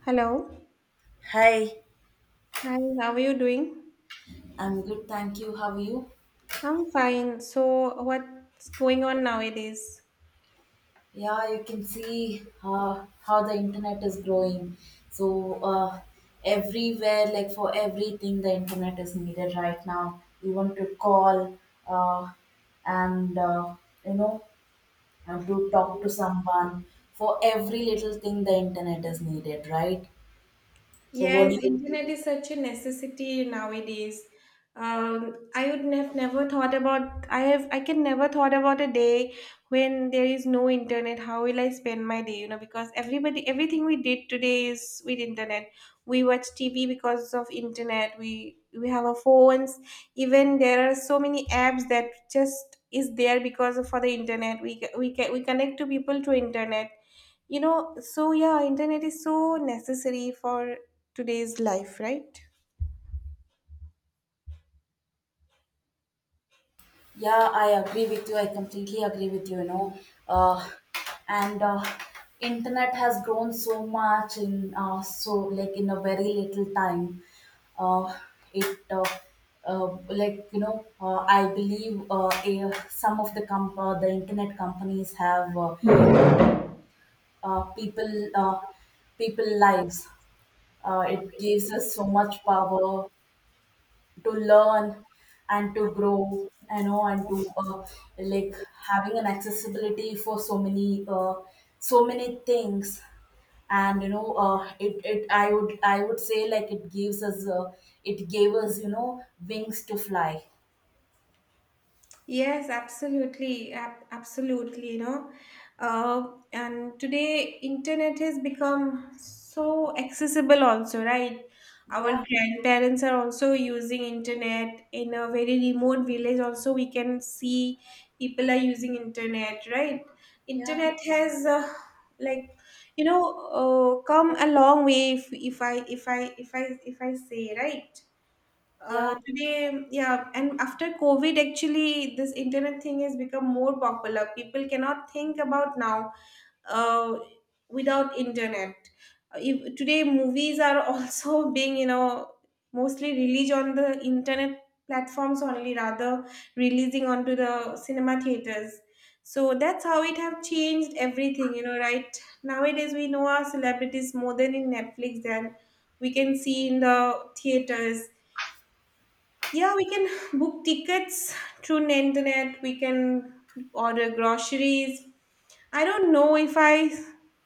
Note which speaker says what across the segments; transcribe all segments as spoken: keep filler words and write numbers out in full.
Speaker 1: Hello.
Speaker 2: Hi,
Speaker 1: Hi, how are you doing?
Speaker 2: I'm good, thank you. How are you?
Speaker 1: I'm fine. So, what's going on nowadays?
Speaker 2: Yeah, you can see uh, how the internet is growing. So, uh, everywhere, like for everything, the internet is needed right now. You want to call uh, and, uh, you know, and to talk to someone. For every little thing, the internet is needed, right? So, what
Speaker 1: Yes,
Speaker 2: do you
Speaker 1: internet is such a necessity nowadays. Um, I would have never thought about I have I can never thought about a day when there is no internet. How will I spend my day? You know, because everybody everything we did today is with internet. We watch T V because of internet. We we have our phones, even there are so many apps that just is there because of for the internet. We ca- we can we connect to people through internet, you know so yeah, internet is so necessary for today's life, right?
Speaker 2: Yeah, I agree with you. I completely agree with you, you know. Uh, and uh, Internet has grown so much in uh, so like in a very little time. Uh, it uh, uh, like you know uh, I believe, uh, a, some of the comp- uh, the internet companies have uh, uh, people uh, people lives. Uh, it gives us so much power to learn and to grow, you know, and to— uh, like having an accessibility for so many uh, so many things. And you know uh, it, it i would i would say, like, it gives us uh, it gave us, you know, wings to fly.
Speaker 1: Yes, absolutely, ab- absolutely. You know, uh, and today internet has become so accessible. Also, right? Our
Speaker 2: Yeah,
Speaker 1: grandparents are also using internet in a very remote village. Also, we can see people are using internet. Right?
Speaker 2: yeah,
Speaker 1: Internet has uh, like you know uh, come a long way. If if I if I if I if I say, right,
Speaker 2: yeah.
Speaker 1: uh, today, yeah, and after COVID, actually, this internet thing has become more popular. People cannot think about now uh, without internet. Uh, If today, movies are also being, you know, mostly released on the internet platforms only, rather releasing onto the cinema theaters. So that's how it have changed everything, you know, right? Nowadays, we know our celebrities more than in Netflix than we can see in the theaters. Yeah, we can book tickets through the internet. We can order groceries. I don't know if I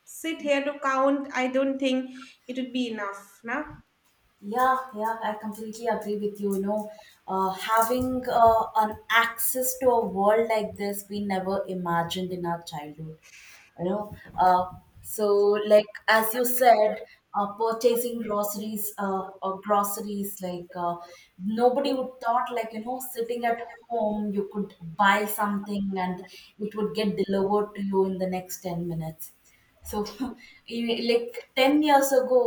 Speaker 1: sit here to count. I don't think it would be enough. Now,
Speaker 2: Yeah, yeah, I completely agree with you. You know, uh, having uh, an access to a world like this, we never imagined in our childhood. You know, uh, so like, as you said, uh, purchasing groceries, uh, or groceries, like, uh, nobody would thought, like, you know, sitting at home you could buy something and it would get delivered to you in the next ten minutes. So, in- like ten years ago,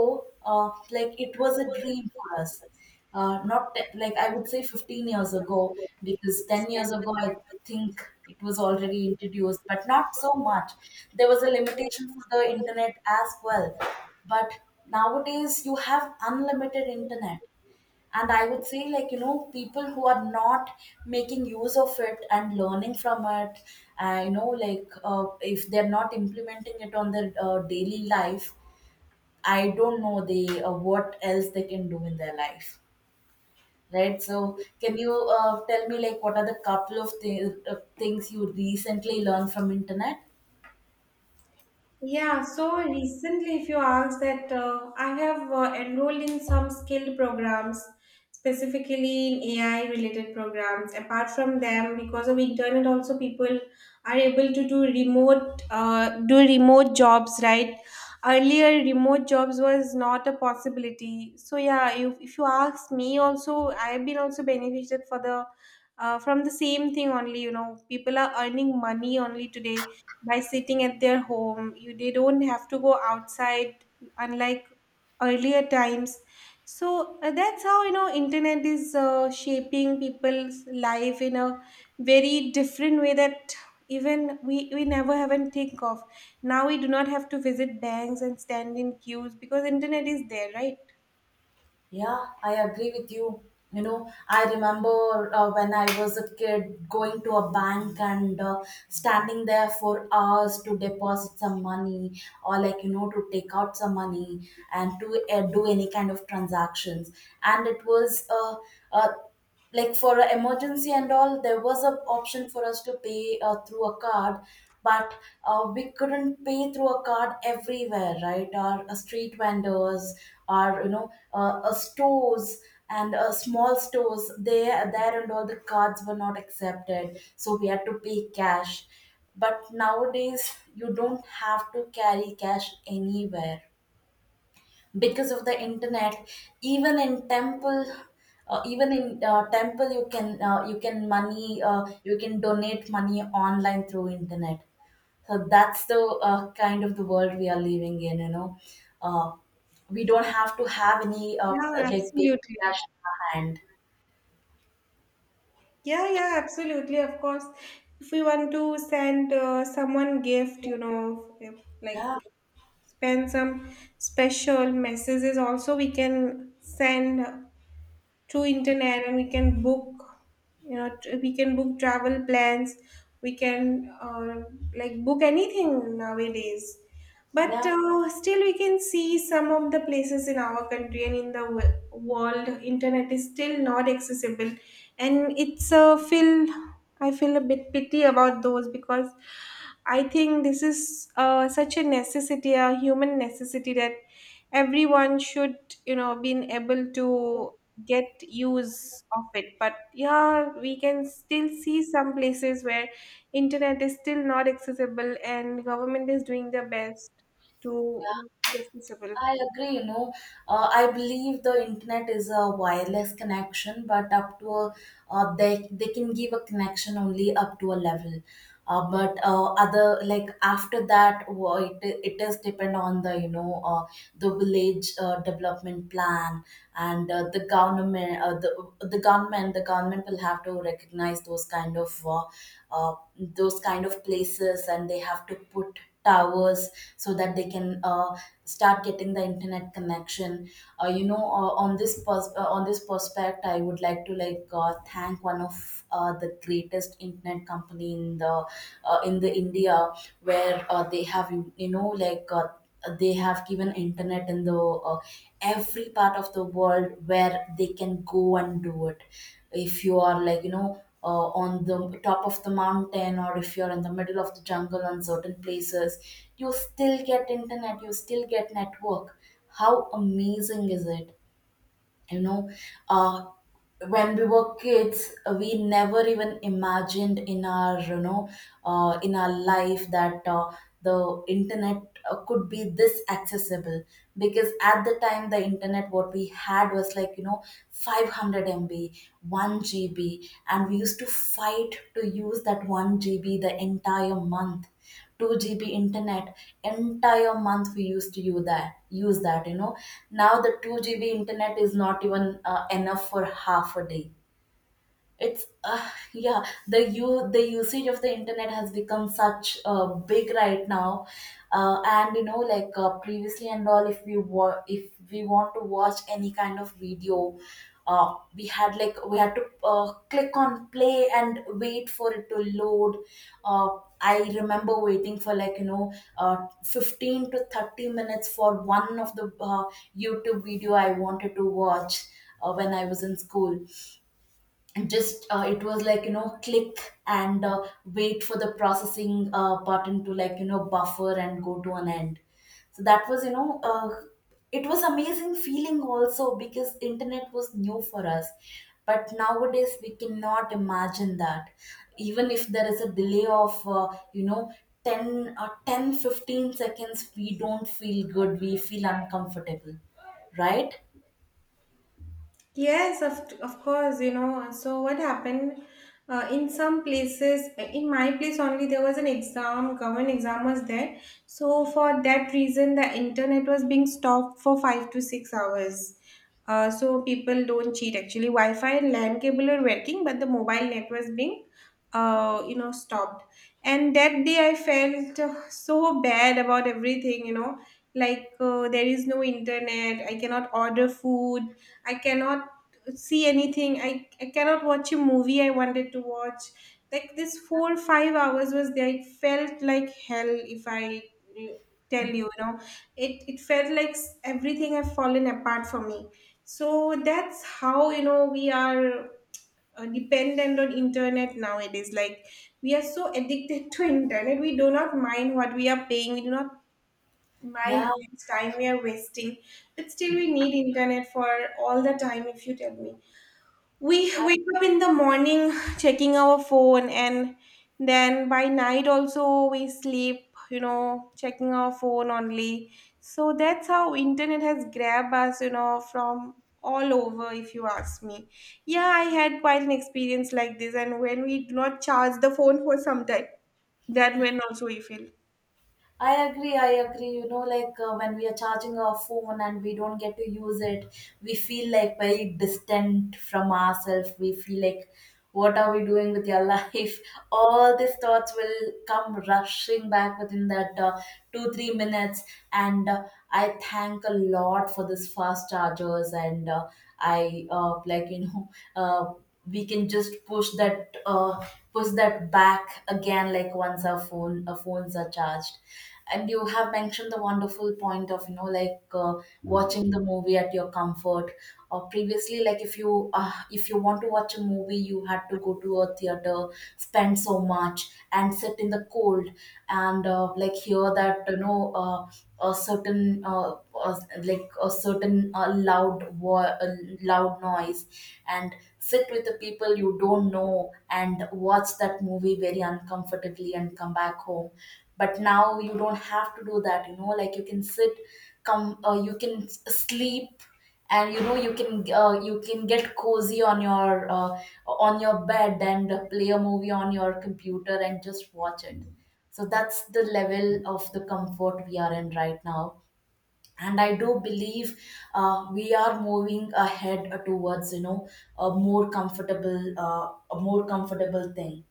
Speaker 2: uh, like it was a dream for us. Uh, not te- Like, I would say fifteen years ago, because ten years ago, I think it was already introduced, but not so much. There was a limitation for the internet as well. But nowadays, you have unlimited internet, and I would say, like, you know, people who are not making use of it and learning from it, uh, you know like uh, if they're not implementing it on their uh, daily life, I don't know, they uh, what else they can do in their life, right? So can you, uh, tell me, like, what are the couple of th- uh, things you recently learned from internet?
Speaker 1: yeah, so recently, if you ask that, uh, I have uh, enrolled in some skilled programs, specifically in A I related programs. Apart from them, because of internet, also people are able to do remote uh, do remote jobs, right? Earlier, remote jobs was not a possibility. So yeah, if, if you ask me, also I have been also benefited for the uh, from the same thing only. You know, people are earning money only today by sitting at their home, you they don't have to go outside, unlike earlier times. So uh, that's how you know internet is uh, shaping people's life in a very different way that even we we never even think of. Now we do not have to visit banks and stand in queues because internet is there, right?
Speaker 2: Yeah, I agree with you. You know, I remember uh, when I was a kid going to a bank and, uh, standing there for hours to deposit some money, or, like, you know, to take out some money and to uh, do any kind of transactions. And it was, uh, uh, like, for a emergency and all, there was an option for us to pay uh, through a card. But uh, we couldn't pay through a card everywhere, right? Our uh, street vendors, our, you know, uh, uh, stores, and uh, small stores, they, there, and all the cards were not accepted, so we had to pay cash. But nowadays you don't have to carry cash anywhere because of the internet. Even in temple, uh, even in uh, temple you can, uh, you can money uh, you can donate money online through internet. So that's the uh, kind of the world we are living in, you know. uh, we don't have to have any, uh,
Speaker 1: Yeah,
Speaker 2: like, paper
Speaker 1: absolutely.
Speaker 2: cash in our hand.
Speaker 1: Yeah, yeah, absolutely. Of course, if we want to send uh, someone gift, you know, if,
Speaker 2: Yeah,
Speaker 1: like spend some special messages also we can send through internet, and we can book, you know tr- we can book travel plans. We can uh, like book anything nowadays, but
Speaker 2: yeah.
Speaker 1: uh, still we can see some of the places in our country and in the wo- world internet is still not accessible, and it's a feel I feel a bit pity about those because I think this is uh, such a necessity, a human necessity that everyone should you know been able to get use of it. But yeah, we can still see some places where internet is still not accessible, and government is doing their best to you know, make it accessible.
Speaker 2: I agree, you know. Uh, I believe the internet is a wireless connection, but up to a, uh, they, they can give a connection only up to a level. Uh, but uh, other, like, after that, wha- it, it is depend on the, you know, uh, the village, uh, development plan, and uh, the government, uh, the the government the government will have to recognize those kind of, uh, uh, those kind of places, and they have to put towers so that they can uh, start getting the internet connection. Uh, you know uh, on this pers- uh, on this prospect, I would like to, like, uh, thank one of uh, the greatest internet company in the, uh, in the India, where uh, they have, you you know, like, uh, they have given internet in the uh, every part of the world where they can go and do it. If you are, like, you know, uh, on the top of the mountain, or if you're in the middle of the jungle, on certain places, you still get internet, you still get network. How amazing is it? You know. uh, when we were kids we never even imagined in our, you know, uh, in our life that uh, the internet, uh, could be this accessible. Because at the time the internet what we had was, like, you know, five hundred m b, one g b, and we used to fight to use that one g b the entire month. two G B internet, entire month we used to use that use that, you know. Now the two G B internet is not even uh, enough for half a day. It's, uh, yeah, the u the usage of the internet has become such uh, big right now. Uh, and, you know, like, uh, previously and all, if we wa- if we want to watch any kind of video, uh, we had like we had to uh, click on play and wait for it to load. uh, I remember waiting for, like, you know, uh, fifteen to thirty minutes for one of the uh, YouTube video I wanted to watch uh, when I was in school. Just uh, it was, like, you know, click and uh, wait for the processing uh, button to, like, you know, buffer and go to an end. So that was, you know, uh, it was amazing feeling also because internet was new for us. But nowadays we cannot imagine that. Even if there is a delay of, uh, you know, ten or ten fifteen seconds, we don't feel good, we feel uncomfortable, right?
Speaker 1: Yes, of, of course, you know. So, what happened uh, in some places, eh, in my place only, there was an exam, government exam was there. So, for that reason, the internet was being stopped for five to six hours. Uh, so, people don't cheat actually. Wi Fi and LAN cable are working, but the mobile net was being, uh, you know, stopped. And that day, I felt uh, so bad about everything, you know, like uh, there is no internet, I cannot order food, I cannot see anything. I, I cannot watch a movie I wanted to watch. Like this four five hours was there. It felt like hell if I uh, tell you, you know. It it felt like s- everything had fallen apart for me. So that's how you know we are uh, dependent on internet nowadays. Like we are so addicted to internet. We do not mind what we are paying. We do not mind
Speaker 2: Yeah.
Speaker 1: how much time we are wasting, but still we need internet for all the time. If you tell me, we wake up in the morning checking our phone, and then by night also we sleep, You know, checking our phone only. So that's how internet has grabbed us, You know, from all over. If you ask me, yeah, I had quite an experience like this, and when we do not charge the phone for some time, that when also we feel.
Speaker 2: I agree, I agree. You know, like, uh, when we are charging our phone and we don't get to use it, we feel like very distant from ourselves. We feel like, what are we doing with your life? All these thoughts will come rushing back within that, uh, two, three minutes. And uh, I thank a lot for this fast chargers. And uh, I uh, like, you know, uh, we can just push that uh, push that back again, like, once our phone our phones are charged. And you have mentioned the wonderful point of, you know, like, uh, watching the movie at your comfort. Or, previously, like, if you uh, if you want to watch a movie, you had to go to a theater, spend so much, and sit in the cold, and, uh, like, hear that, you know, uh, a certain uh, uh, like a certain, uh, loud wo- uh, loud noise, and sit with the people you don't know and watch that movie very uncomfortably and come back home. But now you don't have to do that, you know. Like, you can sit, come uh, you can s- sleep, and, you know, you can, uh, you can get cozy on your, uh, on your bed, and play a movie on your computer, and just watch it. So that's the level of the comfort we are in right now. And I do believe, uh, we are moving ahead towards, you know, a more comfortable uh, a more comfortable thing.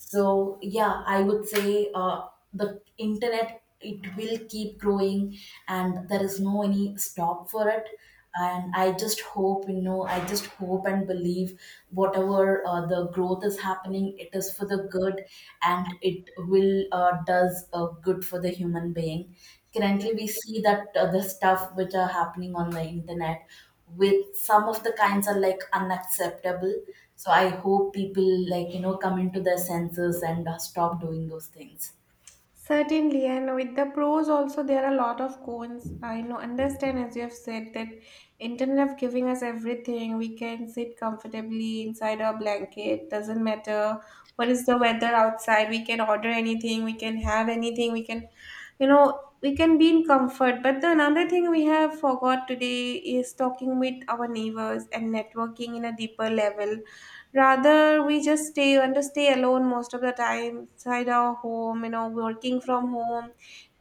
Speaker 2: So yeah, I would say, uh, the internet, it will keep growing, and there is no any stop for it. And I just hope you know, I just hope and believe whatever uh, the growth is happening, it is for the good, and it will, uh, does, uh, good for the human being. Currently, we see that uh, the stuff which are happening on the internet with some of the kinds are, like, unacceptable. So I hope people, like, you know, come into their senses and uh, stop doing those things.
Speaker 1: Certainly, and with the pros also there are a lot of cons. I know understand as you have said that internet of giving us everything. We can sit comfortably inside our blanket. Doesn't matter what is the weather outside. We can order anything. We can have anything. We can, you know, we can be in comfort. But the another thing we have forgot today is talking with our neighbors and networking in a deeper level, rather we just stay want to stay alone most of the time inside our home, you know working from home,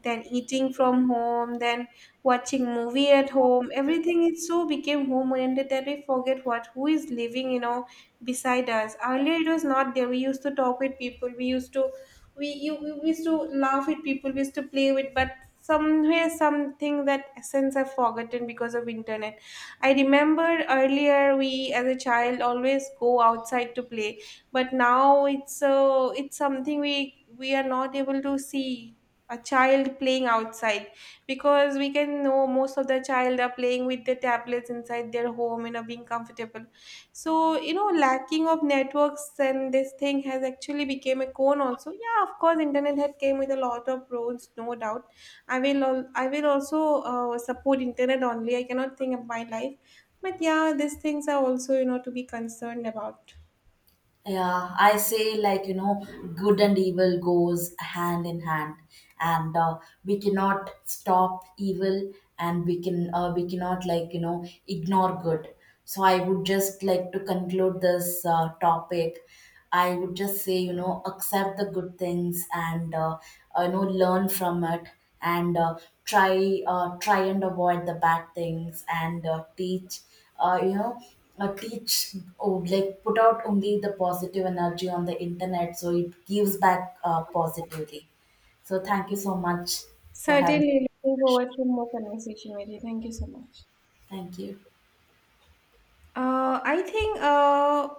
Speaker 1: then eating from home, then watching movie at home. Everything is so became home oriented that we forget what who is living, you know beside us. Earlier it was not there, we used to talk with people, we used to we, you, we we used to laugh with people, we used to play with, but somewhere something that essence are forgotten because of internet. I remember earlier we as a child always go outside to play, but now it's so it's something we we are not able to see a child playing outside, because we can know most of the child are playing with the tablets inside their home and are being comfortable. So you know lacking of networks and this thing has actually became a con also. Yeah, of course internet had came with a lot of pros, no doubt. I will al- I will also uh, support internet only. I cannot think of my life, but yeah, these things are also you know to be concerned about.
Speaker 2: Yeah, I say, like, you know, good and evil goes hand in hand, and uh, we cannot stop evil, and we can uh, we cannot, like, you know, ignore good. So I would just like to conclude this uh, topic. I would just say, you know, accept the good things, and uh, uh, you know, learn from it. And uh, try uh, try and avoid the bad things, and uh, teach, uh, you know uh, teach, or, like, put out only the positive energy on the internet so it gives back, uh, positively. So thank you so much for having
Speaker 1: Certainly, looking
Speaker 2: me.
Speaker 1: forward to more conversation with you. Thank you so much.
Speaker 2: Thank you.
Speaker 1: Uh, I think uh,